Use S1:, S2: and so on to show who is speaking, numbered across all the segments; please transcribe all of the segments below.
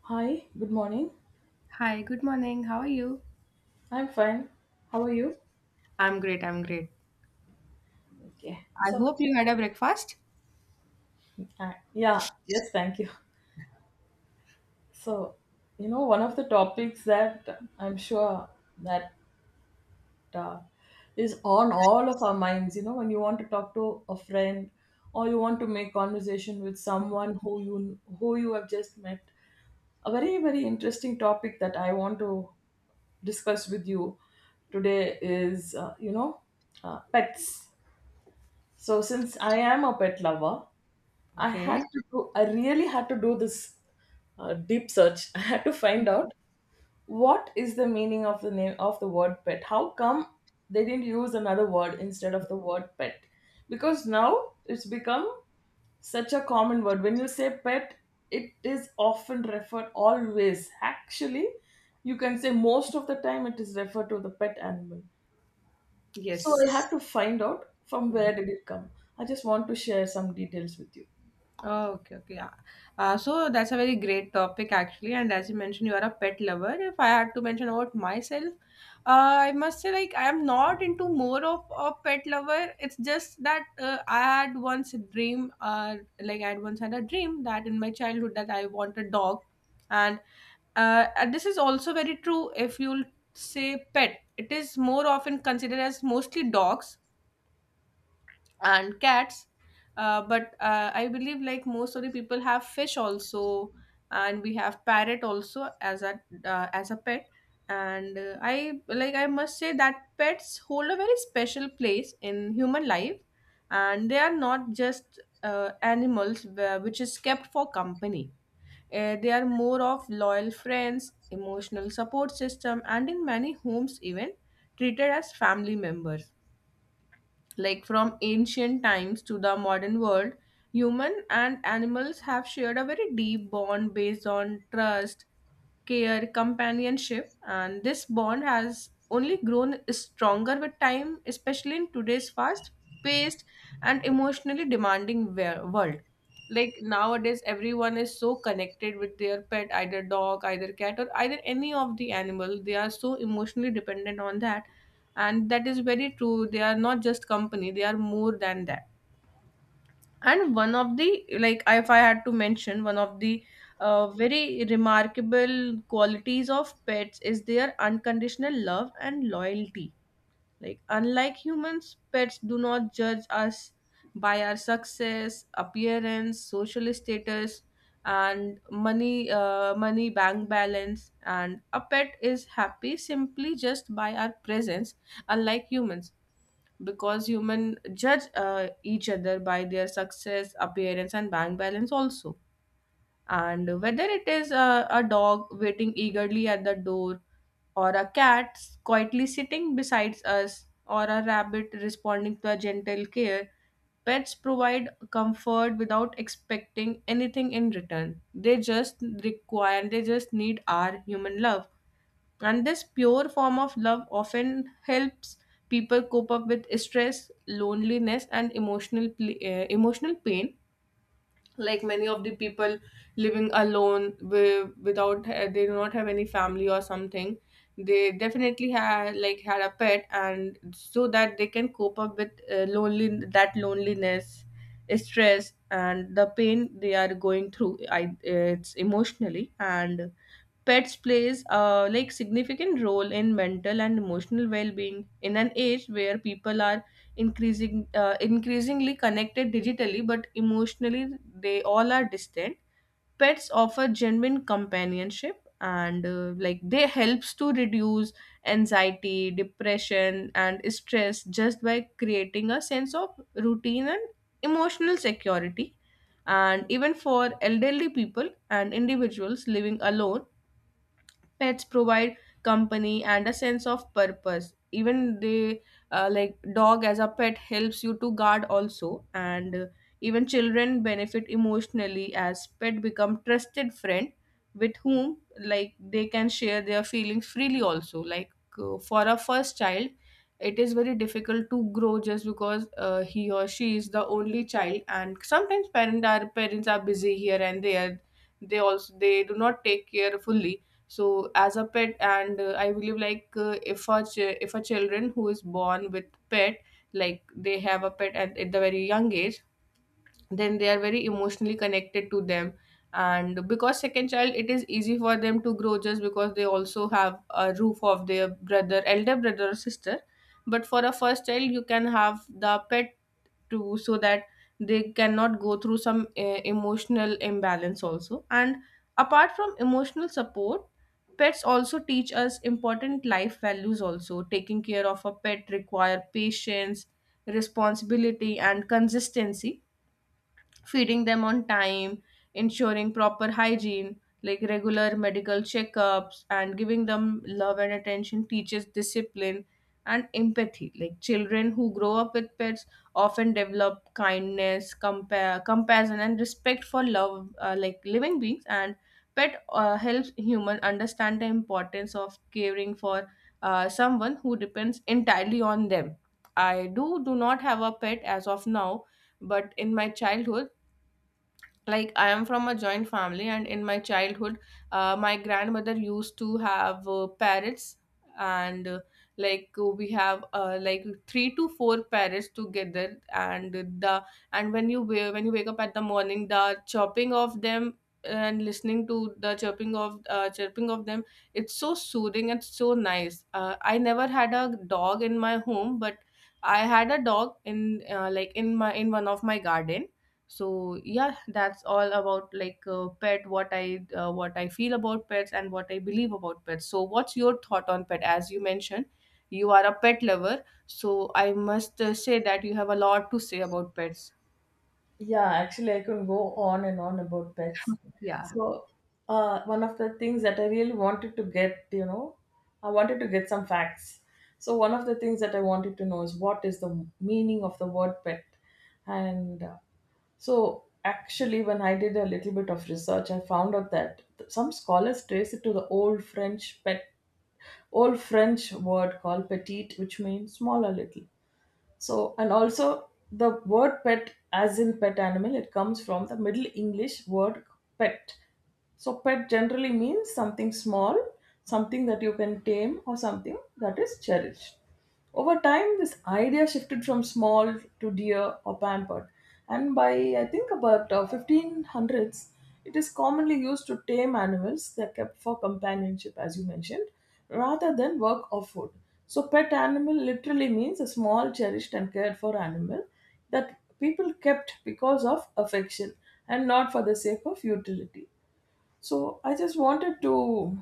S1: Hi, good morning.
S2: Hi, good morning. How are you?
S1: I'm fine. How are you?
S2: I'm great. I'm great. Yeah.
S1: Okay.
S2: I
S1: So,
S2: hope you had a breakfast.
S1: yeah, yes, thank you. So, one of the topics that I'm sure that uh, is on all of our minds, when you want to talk to a friend, or you want to make conversation with someone who you have just met, a very very interesting topic that I want to discuss with you today is, pets. So since I am a pet lover,
S2: Okay.
S1: I really had to do this deep search. I had to find out what is the meaning of the name of the word pet. How come they didn't use another word instead of the word pet? Because now it's become such a common word. When you say pet, it is often referred always. Actually, you can say most of the time it is referred to the pet animal. So
S2: Yes.
S1: I had to find out from
S2: Mm.
S1: where did it come. I just want to share some details with you.
S2: Oh, okay. Okay. Yeah. So that's a very great topic actually. And as you mentioned, you are a pet lover. If I had to mention about myself, I must say like I am not into more of a pet lover. It's just that I had once a dream, like I had once had a dream that in my childhood that I want a dog, and And this is also very true if you'll say pet. It is more often considered as mostly dogs and cats. But I believe like most of the people have fish also, and we have parrot also as a pet. And I like I must say that pets hold a very special place in human life, and they are not just animals where, which is kept for company they are more of loyal friends, emotional support system, and in many homes, even treated as family members. Like from ancient times to the modern world, human and animals have shared a very deep bond based on trust, care, companionship, and this bond has only grown stronger with time, especially in today's fast paced and emotionally demanding world. Like nowadays everyone is so connected with their pet, either dog, either cat, or either any of the animal. They are so emotionally dependent on that, and that is very true. They are not just company, they are more than that. And one of the, like, if I had to mention one of the very remarkable qualities of pets is their unconditional love and loyalty. Like, unlike humans, pets do not judge us by our success, appearance, social status, and money, money bank balance. And a pet is happy simply just by our presence, unlike humans, because human judge each other by their success, appearance, and bank balance also. And whether it is a dog waiting eagerly at the door, or a cat quietly sitting beside us, or a rabbit responding to a gentle care, pets provide comfort without expecting anything in return. They just require, they just need our human love, and this pure form of love often helps people cope up with stress, loneliness, and emotional emotional pain. Like many of the people living alone without they do not have any family or something, they definitely had, like, had a pet, and so that they can cope up with lonely, that loneliness, stress, and the pain they are going through, I, it's emotionally. And pets plays a, like, significant role in mental and emotional well-being in an age where people are increasingly connected digitally, but emotionally they all are distant. Pets offer genuine companionship, and like they helps to reduce anxiety, depression, and stress just by creating a sense of routine and emotional security. And even for elderly people and individuals living alone, pets provide company and a sense of purpose. Even they like dog as a pet helps you to guard also. And even children benefit emotionally as pet become trusted friend with whom, like, they can share their feelings freely also. Like for a first child, it is very difficult to grow just because he or she is the only child, and sometimes parents are busy here and there, they also they do not take care fully. So as a pet, and I believe like if a if a children who is born with pet, like they have a pet at the very young age, then they are very emotionally connected to them. And because second child, it is easy for them to grow just because they also have a roof of their brother, elder brother or sister. But for a first child, you can have the pet to, so that they cannot go through some emotional imbalance also. And apart from emotional support, pets also teach us important life values also. Taking care of a pet require patience, responsibility, and consistency. Feeding them on time, ensuring proper hygiene, like regular medical checkups, and giving them love and attention teaches discipline and empathy. Like children who grow up with pets often develop kindness, compassion, and respect for love, like living beings. And pet helps human understand the importance of caring for someone who depends entirely on them. I do not have a pet as of now, but in my childhood, like, I am from a joint family, and in my childhood, my grandmother used to have parrots. And like we have like three to four parrots together. And the, and when you when you wake up at the morning, the chopping of them and listening to the chirping of them, it's so soothing and so nice. I never had a dog in my home, but I had a dog in like in my, in one of my garden. So yeah, that's all about, like, pet, what I what I feel about pets and what I believe about pets. So what's your thought on pet? As you mentioned, you are a pet lover, so I must say that you have a lot to say about pets.
S1: Yeah, actually, I can go on and on about pets.
S2: Yeah.
S1: So, one of the things that I really wanted to get, I wanted to get some facts. So, one of the things that I wanted to know is what is the meaning of the word pet? And so, actually, when I did a little bit of research, I found out that some scholars trace it to the old French pet, old French word called petite, which means small or little. So, and also the word pet, as in pet animal, it comes from the Middle English word pet. So, pet generally means something small, something that you can tame, or something that is cherished. Over time, this idea shifted from small to dear or pampered, and by I think about 1500s, it is commonly used to tame animals that kept for companionship, as you mentioned, rather than work or food. So, pet animal literally means a small, cherished, and cared for animal that people kept because of affection and not for the sake of utility. So I just wanted to,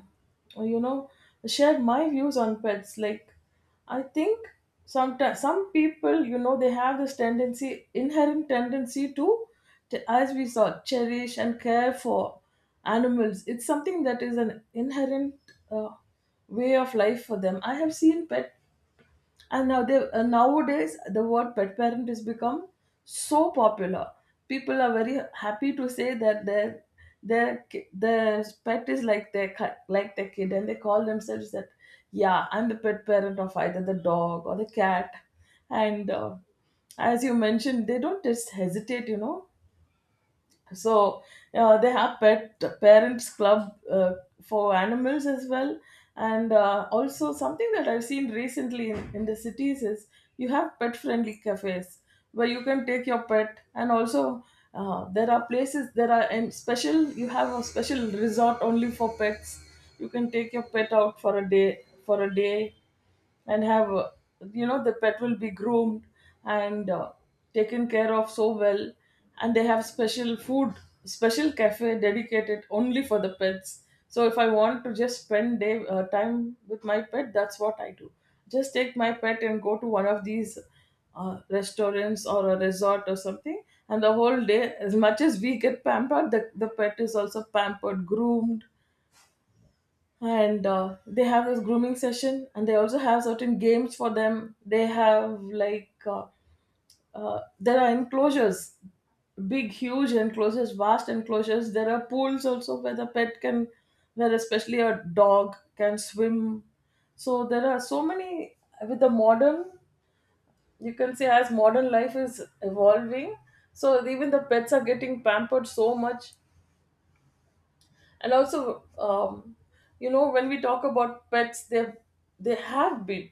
S1: you know, share my views on pets. Like, I think sometimes some people, they have this tendency, inherent tendency to, as we saw, cherish and care for animals. It's something that is an inherent uh, way of life for them. I have seen pet, and now nowadays, the word pet parent has become so popular. People are very happy to say that their their pet is like like their kid, and they call themselves that. Yeah, I'm the pet parent of either the dog or the cat, and as you mentioned, they don't just hesitate. So they have pet parents club for animals as well. And also something that I've seen recently in the cities is you have pet friendly cafes where you can take your pet. And also, there are places, there are and special, you have a special resort only for pets. You can take your pet out for a day and have, the pet will be groomed and taken care of so well. And they have special food, special cafe dedicated only for the pets. So if I want to just spend day time with my pet, that's what I do. Just take my pet and go to one of these restaurants or a resort or something, and the whole day, as much as we get pampered, the pet is also pampered, groomed. And they have this grooming session, and they also have certain games for them. They have like there are enclosures, big huge enclosures, vast enclosures. There are pools also where especially a dog can swim. So there are so many, with the modern you can say, as modern life is evolving, so even the pets are getting pampered so much. And also, when we talk about pets, they have been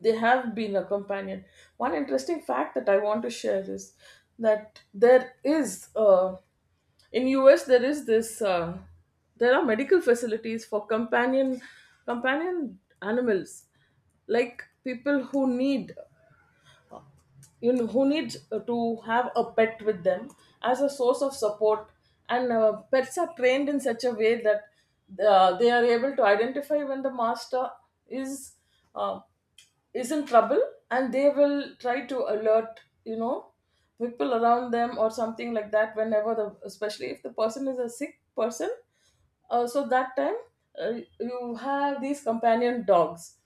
S1: they have been a companion. One interesting fact that I want to share is that there is in US there is this there are medical facilities for companion animals, like people who needs to have a pet with them as a source of support. And pets are trained in such a way that they are able to identify when the master is uh, is in trouble, and they will try to alert, people around them or something like that, whenever the especially if the person is a sick person. So that time, you have these companion dogs.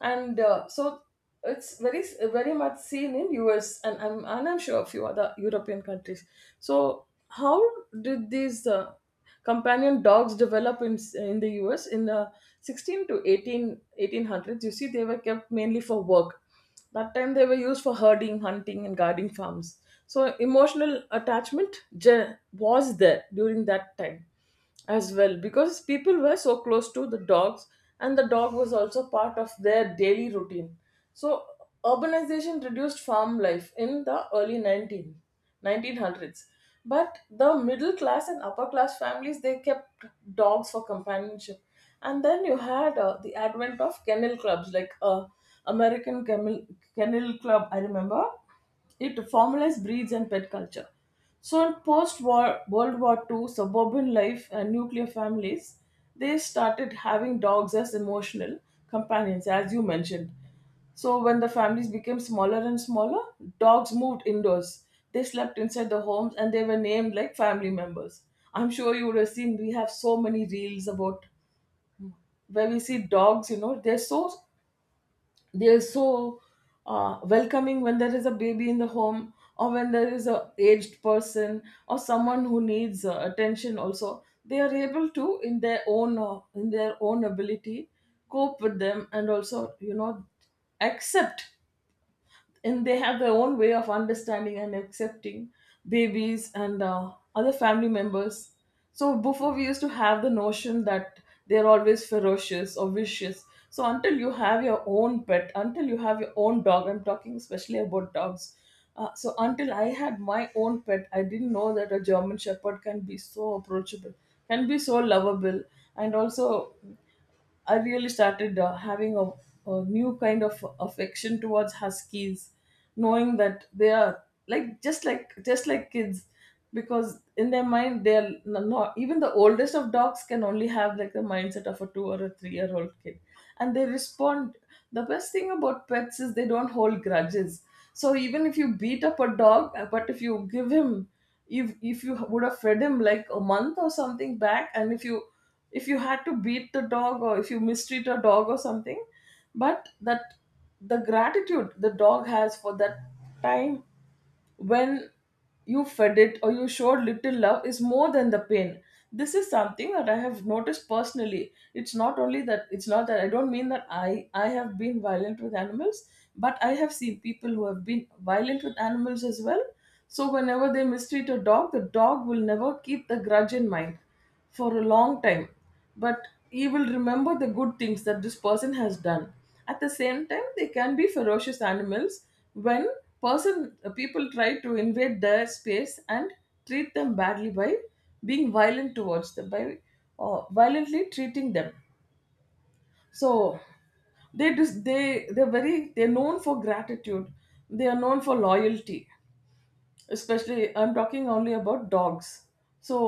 S1: And so it's very very much seen in US, and I'm sure a few other European countries. So how did these companion dogs develop in the US in the 16 to 18 1800s? You see, they were kept mainly for work. That time they were used for herding, hunting, and guarding farms. So emotional attachment was there during that time as well, because people were so close to the dogs, and the dog was also part of their daily routine. So urbanization reduced farm life in the early nineteen. 1900s, but the middle class and upper class families, they kept dogs for companionship. And then you had the advent of kennel clubs like American Kennel, Kennel Club, I remember, it formalized breeds and pet culture. So in post-war World War Two, suburban life and nuclear families, they started having dogs as emotional companions, as you mentioned. So when the families became smaller and smaller, dogs moved indoors. They slept inside the homes, and they were named like family members. I'm sure you would have seen we have so many reels about where we see dogs, they're so welcoming when there is a baby in the home, or when there is a aged person, or someone who needs attention. Also they are able to, in their own ability, cope with them, and also, accept. And they have their own way of understanding and accepting babies and other family members. So before we used to have the notion that they're always ferocious or vicious. So until you have your own pet, until you have your own dog, I'm talking especially about dogs. So until I had my own pet, I didn't know that a German Shepherd can be so approachable, can be so lovable. And also, I really started having a new kind of affection towards huskies, knowing that they are like, just like kids, because in their mind they are, not even the oldest of dogs can only have like the mindset of a two or a 3-year old kid, and they respond. The best thing about pets is they don't hold grudges. So even if you beat up a dog, but if you give him, if you would have fed him like a month or something back, and if you had to beat the dog, or if you mistreat a dog or something, but that, the gratitude the dog has for that time when you fed it or you showed little love, is more than the pain. This is something that I have noticed personally. It's not only that, it's not that I don't mean that I have been violent with animals, but I have seen people who have been violent with animals as well. So whenever they mistreat a dog, the dog will never keep the grudge in mind for a long time, but you will remember the good things that this person has done. At the same time, they can be ferocious animals when person people try to invade their space and treat them badly, by being violent towards them, by violently treating them. So they're known for gratitude, they are known for loyalty. Especially I'm talking only about dogs. So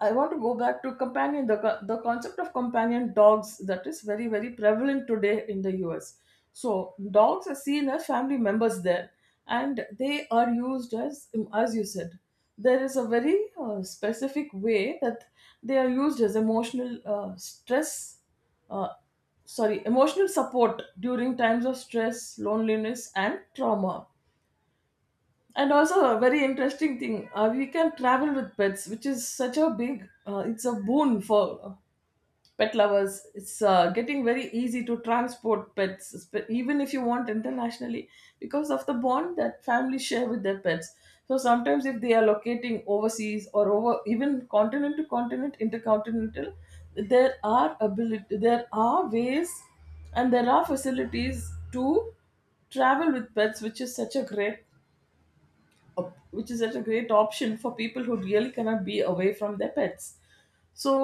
S1: I want to go back to the concept of companion dogs, that is very very prevalent today in the US. So dogs are seen as family members there, and they are used as you said, there is a very specific way that they are used as emotional, stress, uh, sorry, emotional support during times of stress, loneliness, and trauma. And also, a very interesting thing, we can travel with pets, which is such a big, it's a boon for pet lovers. It's getting very easy to transport pets, even if you want internationally, because of the bond that families share with their pets. So sometimes if they are locating overseas or over even continent to continent intercontinental, there are ways and there are facilities to travel with pets, which is such a great option for people who really cannot be away from their pets. So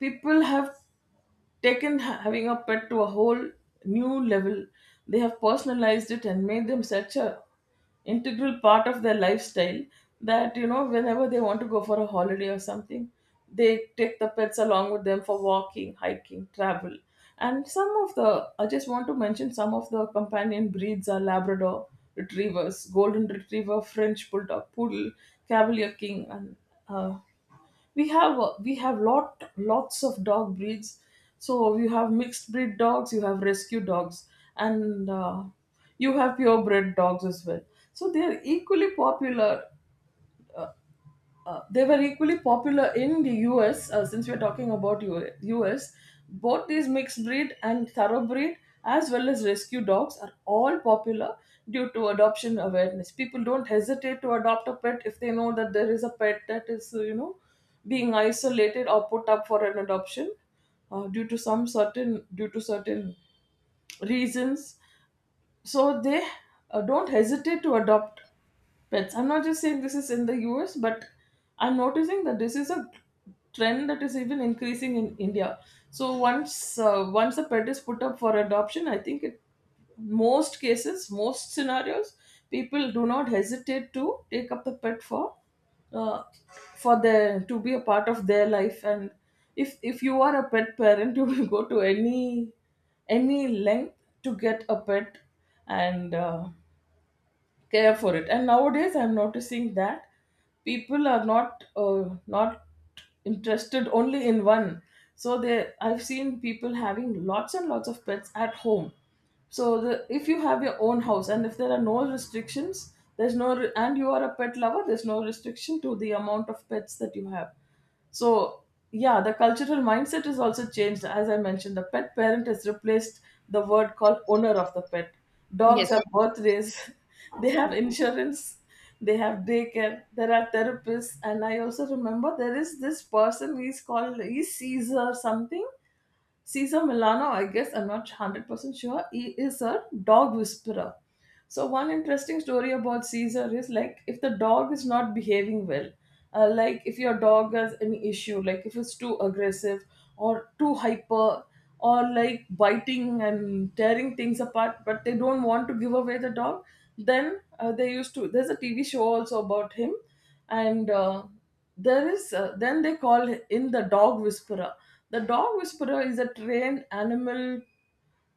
S1: people have taken having a pet to a whole new level. They have personalized it and made them such a integral part of their lifestyle, that whenever they want to go for a holiday or something, they take the pets along with them for walking, hiking, travel. And some of the I just want to mention some of the companion breeds are Labrador retrievers, golden retriever, French bulldog, poodle, cavalier king, and uh, we have lots of dog breeds. So you have mixed breed dogs, you have rescue dogs, and you have purebred dogs as well. So they are equally popular. They were equally popular in the US. Since we're talking about US, both these mixed breed and thoroughbred, as well as rescue dogs, are all popular due to adoption awareness. People don't hesitate to adopt a pet if they know that there is a pet that is being isolated or put up for an adoption due to certain reasons. So they don't hesitate to adopt pets. I'm not just saying this is in the US, but I'm noticing that this is a trend that is even increasing in India. So once a pet is put up for adoption, I think, it most cases, most scenarios, people do not hesitate to take up the pet for, uh, for the to be a part of their life. And if you are a pet parent you will go to any length to get a pet. And care for it. And nowadays I'm noticing that people are not interested only in one. So they, I've seen people having lots and lots of pets at home. So if you have your own house and if there are no restrictions, there's no re- and you are a pet lover, there's no restriction to the amount of pets that you have. So, yeah, the cultural mindset is also changed. As I mentioned, the pet parent has replaced the word called owner of the pet. Dogs have
S2: Yes.
S1: birthdays, they have insurance, they have daycare, there are therapists. And I also remember, there is this person, he's called, he's Caesar something. Caesar Milano, I guess, I'm not 100% sure. He is a dog whisperer. So one interesting story about Caesar is, like if the dog is not behaving well, like if your dog has any issue, like if it's too aggressive or too hyper or like biting and tearing things apart, but they don't want to give away the dog, then they used to. There's a TV show also about him, and there is then they call in the dog whisperer. The dog whisperer is a trained animal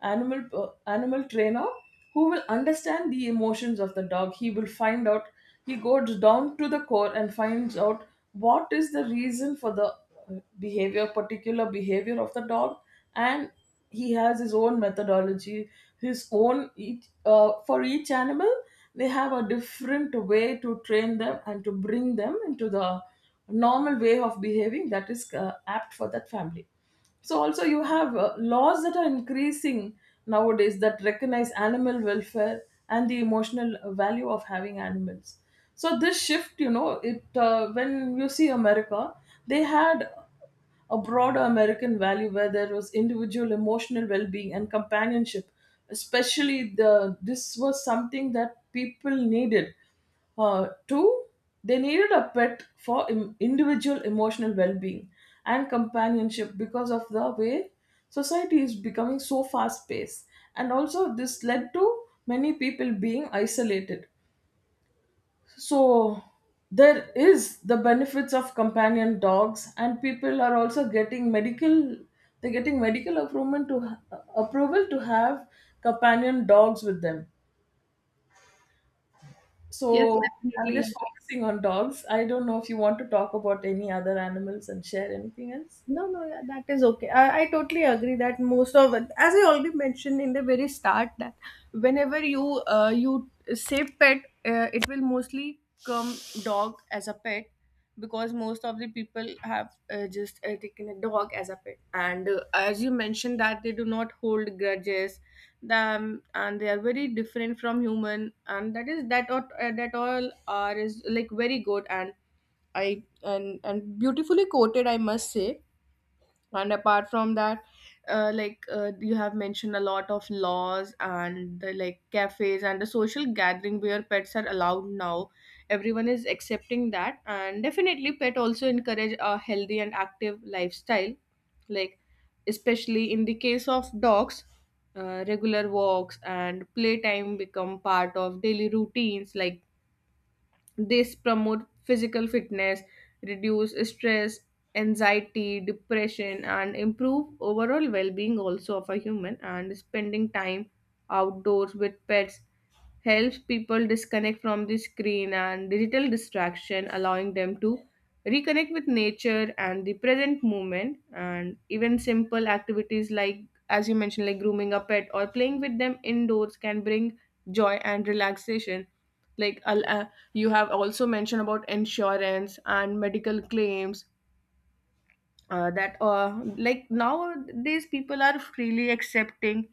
S1: animal uh, animal trainer who will understand the emotions of the dog. He will find out, he goes down to the core and finds out what is the reason for the behavior particular behavior of the dog. And he has his own methodology, his own, for each animal. They have a different way to train them and to bring them into the normal way of behaving that is apt for that family. So also you have laws that are increasing nowadays that recognize animal welfare and the emotional value of having animals. So this shift, you know, it when you see America, they had a broader American value where there was individual emotional well-being and companionship. Especially the this was something that people needed, two, they needed a pet for individual emotional well being and companionship because of the way society is becoming so fast paced. And also, this led to many people being isolated. So, there is the benefits of companion dogs, and people are also getting medical. They're getting medical approval to have companion dogs with them.
S2: Yes,
S1: So I'm just
S2: definitely.
S1: focusing on dogs. I don't know if you want to talk about any other animals and share anything else.
S2: No, no, yeah, that is okay. I totally agree that most of, as I already mentioned in the very start, that whenever you you say pet, it will mostly come dog as a pet, because most of the people have just taken a dog as a pet. And as you mentioned that they do not hold grudges, them, and they are very different from human, and that is that that all are is like very good. And I, and beautifully quoted, I must say. And apart from that, like you have mentioned a lot of laws and the, like, cafes and the social gathering where pets are allowed now, everyone is accepting that. And definitely pet also encourage a healthy and active lifestyle, like, especially in the case of dogs, regular walks and playtime become part of daily routines. Like, this promote physical fitness, reduce stress, anxiety, depression, and improve overall well-being also of a human. And spending time outdoors with pets helps people disconnect from the screen and digital distraction, allowing them to reconnect with nature and the present moment. And even simple activities like, as you mentioned, like grooming a pet or playing with them indoors can bring joy and relaxation. Like, you have also mentioned about insurance and medical claims, that like nowadays people are freely accepting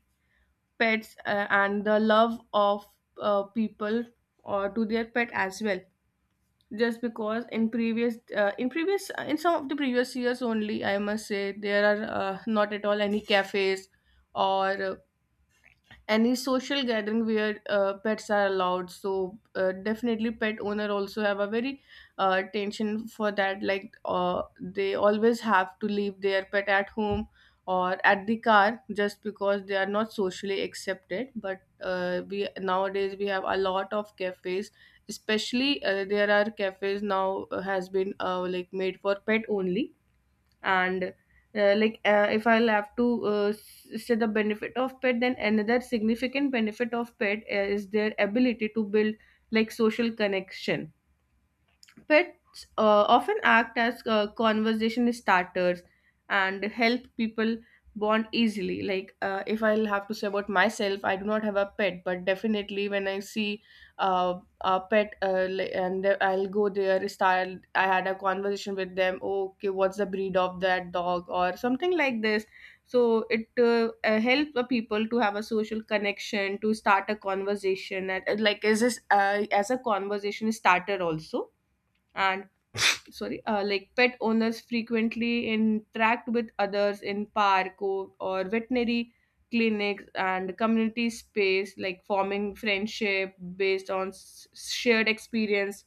S2: pets, and the love of people or to their pet as well. Just because in previous in some of the previous years only, I must say, there are not at all any cafes or any social gathering where pets are allowed. So definitely pet owner also have a very tension for that. Like they always have to leave their pet at home or at the car just because they are not socially accepted. But we nowadays, we have a lot of cafes, especially there are cafes now has been like made for pet only. And like if I'll have to say the benefit of pet, then another significant benefit of pet is their ability to build, like, social connection. Pets often act as conversation starters and help people bond easily. Like, if I'll have to say about myself, I do not have a pet, but definitely when I see a pet, and I'll go there, style, I had a conversation with them, "Oh, okay, what's the breed of that dog, or something like this. So it helps the people to have a social connection, to start a conversation, and like is this as a conversation starter also. And sorry, like pet owners frequently interact with others in park, or veterinary clinics and community space, like forming friendship based on shared experience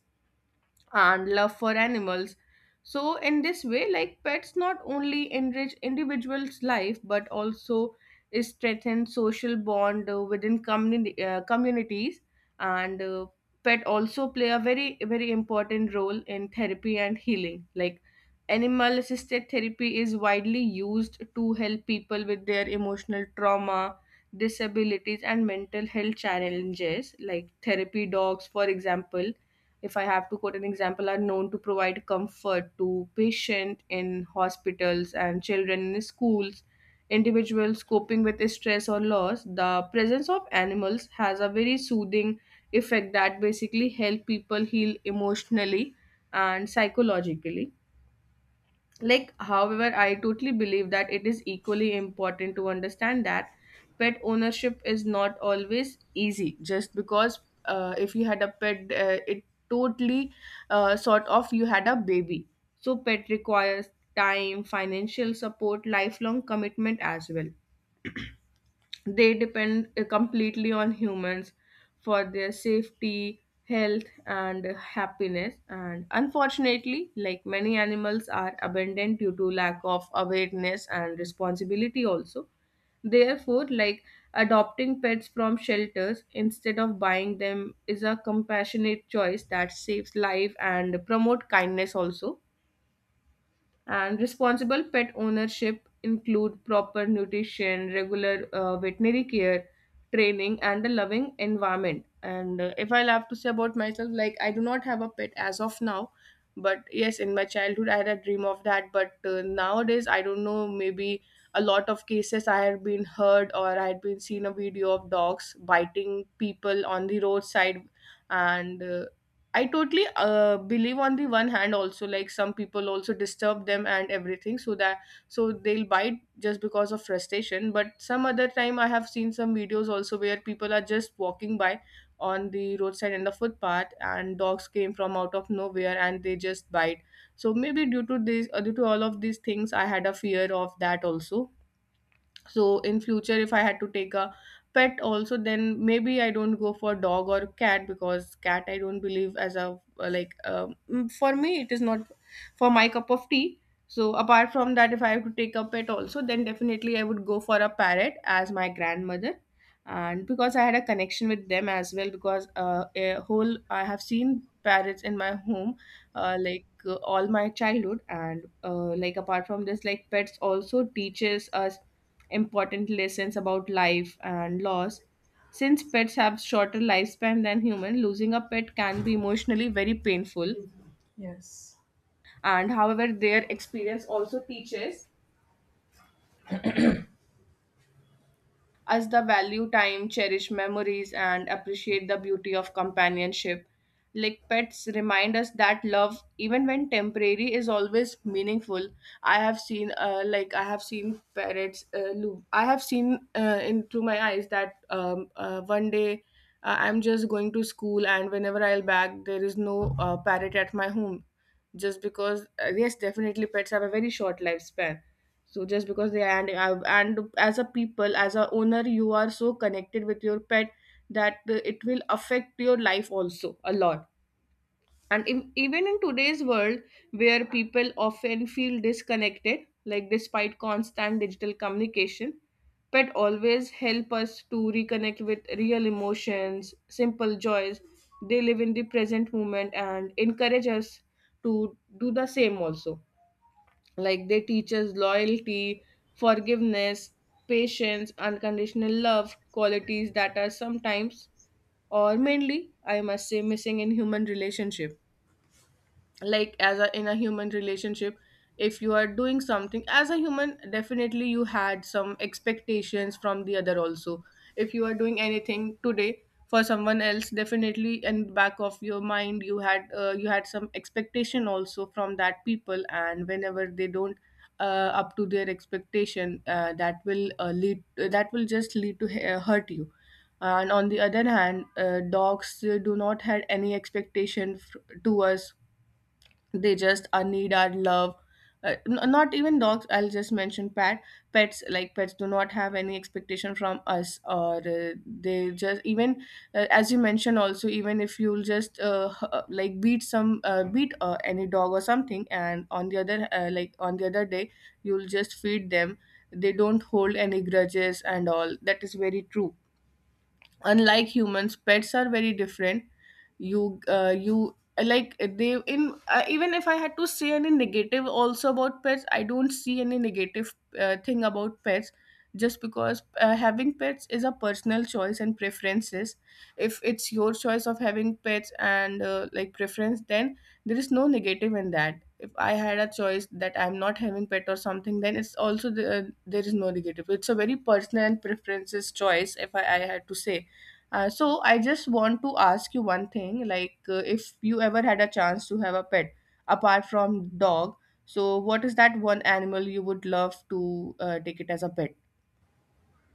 S2: and love for animals. So, in this way, like pets not only enrich individuals' life but also strengthen social bond within communities. And pet also play a very very important role in therapy and healing. Like animal assisted therapy is widely used to help people with their emotional trauma, disabilities, and mental health challenges. Like therapy dogs, for example, if I have to quote an example, are known to provide comfort to patient in hospitals and children in schools. Individuals coping with stress or loss, the presence of animals has a very soothing effect that basically help people heal emotionally and psychologically. Like, however, I totally believe that it is equally important to understand that pet ownership is not always easy. Just because if you had a pet, it totally sort of you had a baby. So, pet requires time, financial support, lifelong commitment as well they depend completely on humans for their safety health and happiness, and unfortunately like many animals are abandoned due to lack of awareness and responsibility also. Therefore, like adopting pets from shelters instead of buying them is a compassionate choice that saves life and promote kindness also. And responsible pet ownership include proper nutrition, regular veterinary care, training, and a loving environment. And if I'll have to say about myself, like I do not have a pet as of now, but yes, in my childhood I had a dream of that. But nowadays I don't know, maybe a lot of cases I had been heard or I had been seen a video of dogs biting people on the roadside and I totally believe on the one hand also like some people also disturb them and everything so that so they'll bite just because of frustration, but some other time I have seen some videos also where people are just walking by on the roadside and the footpath and dogs came from out of nowhere and they just bite. So maybe due to this due to all of these things I had a fear of that also. So in future if I had to take a pet also, then maybe I don't go for dog or cat, because cat I don't believe as a for me it is not for my cup of tea. So apart from that if I have to take a pet also, then definitely I would go for a parrot, as my grandmother, and because I had a connection with them as well, because a whole I have seen parrots in my home all my childhood. And like apart from this, like pets also teaches us important lessons about life and loss. Since pets have shorter lifespan than human, losing a pet can be emotionally very painful.
S1: Yes.
S2: And however their experience also teaches as the value time, cherish memories, and appreciate the beauty of companionship. Like pets remind us that love, even when temporary, is always meaningful. I have seen, like I have seen parrots. I have seen into my eyes that one day I'm just going to school, and whenever I'll back, there is no parrot at my home, just because yes, definitely pets have a very short lifespan. So just because they and as a people, as a owner, you are so connected with your pet that it will affect your life also a lot. And in, even in today's world where people often feel disconnected, like despite constant digital communication, pet always help us to reconnect with real emotions, simple joys. They live in the present moment and encourage us to do the same also. Like they teach us loyalty, forgiveness, patience, unconditional love, qualities that are sometimes or mainly I must say missing in human relationship. Like as a in a human relationship, if you are doing something as a human, definitely you had some expectations from the other also. If you are doing anything today for someone else, definitely in the back of your mind you had some expectation also from that people, and whenever they don't up to their expectation, that will lead that will just lead to hurt you. And on the other hand, dogs do not have any expectation to us. They just need our love. Not even dogs, I'll just mention pet. Pets, like pets do not have any expectation from us, or they just even as you mentioned also, even if you'll just like beat some beat any dog or something, and on the other like on the other day you'll just feed them. They don't hold any grudges and all, that is very true. Unlike humans, pets are very different. You like they in even if I had to say any negative also about pets, I don't see any negative thing about pets, just because having pets is a personal choice and preferences. If it's your choice of having pets and like preference, then there is no negative in that. If I had a choice that I'm not having pet or something, then it's also the, there is no negative. It's a very personal and preferences choice, if I had to say. So I just want to ask you one thing, like if you ever had a chance to have a pet apart from dog, so what is that one animal you would love to take it as a pet?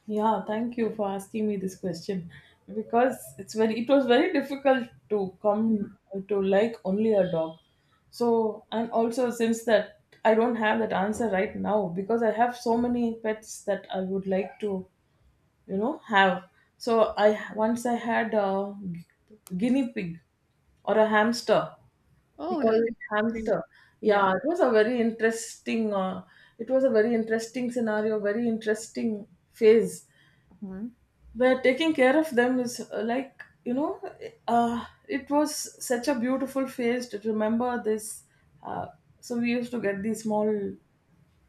S1: Yeah, thank you for asking me this question because it was very difficult to
S2: Mhm.
S1: come to, like, only a dog. So, and also since that I don't have that answer right now because I have so many pets that I would like to have. So I once I had a guinea pig or a hamster. We,
S2: Oh, the cat-
S1: because
S2: that's great.
S1: hamster,
S2: Yeah.
S1: yeah, it was a very interesting scenario, very interesting phase
S2: Mhm.
S1: where taking care of them is like you know it was such a beautiful phase to remember this. uh, so we used to get these small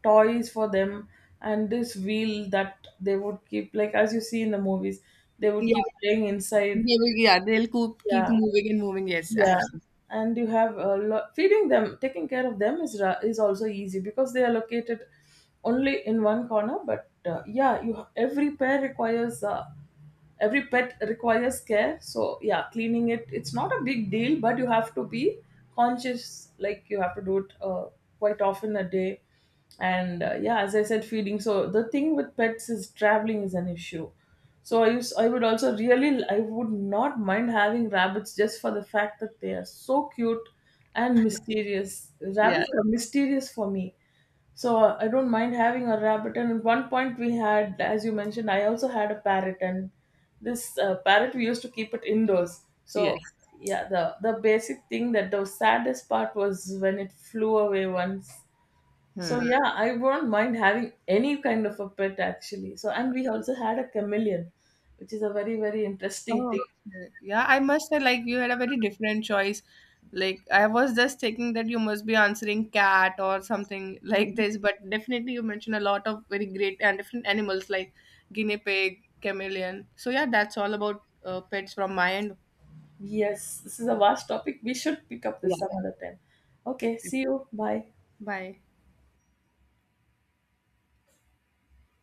S1: toys for them, and this wheel that they would keep, like as you see in the movies, they would keep
S2: Yeah,
S1: playing inside.
S2: they will, yeah, they'll keep
S1: Yeah,
S2: moving and moving. Yes, I
S1: yeah.
S2: have seen.
S1: And you have a lot, feeding them, taking care of them is also easy because they are located only in one corner. But, yeah, you ha- every pair requires every pet requires care. So, yeah, cleaning it, it's not a big deal, but you have to be conscious, like you have to do it quite often a day. And yeah, as I said, feeding, so the thing with pets is traveling is an issue. So I used I would also really I would not mind having rabbits just for the fact that they are so cute and mysterious,
S2: Yeah,
S1: rabbits are mysterious for me. So I don't mind having a rabbit, and at one point we had as you mentioned, I also had a parrot, and this parrot we used to keep it indoors. So
S2: yes.
S1: yeah, the basic thing, that the saddest part was when it flew away once. So
S2: Hmm.
S1: yeah, I won't mind having any kind of a pet actually. So, and we also had a chameleon, which is a very very interesting thing.
S2: Oh, okay. Yeah, I must say, like, you had a very different choice. Like, I was just thinking that you must be answering cat or something like this, but definitely you mentioned a lot of very great and different animals like guinea pig, chameleon. So, yeah, that's all about pets from my end.
S1: Yes, this is a vast topic. We should pick up
S2: Yeah.
S1: this some other time. Okay, see you. Bye.
S2: Bye.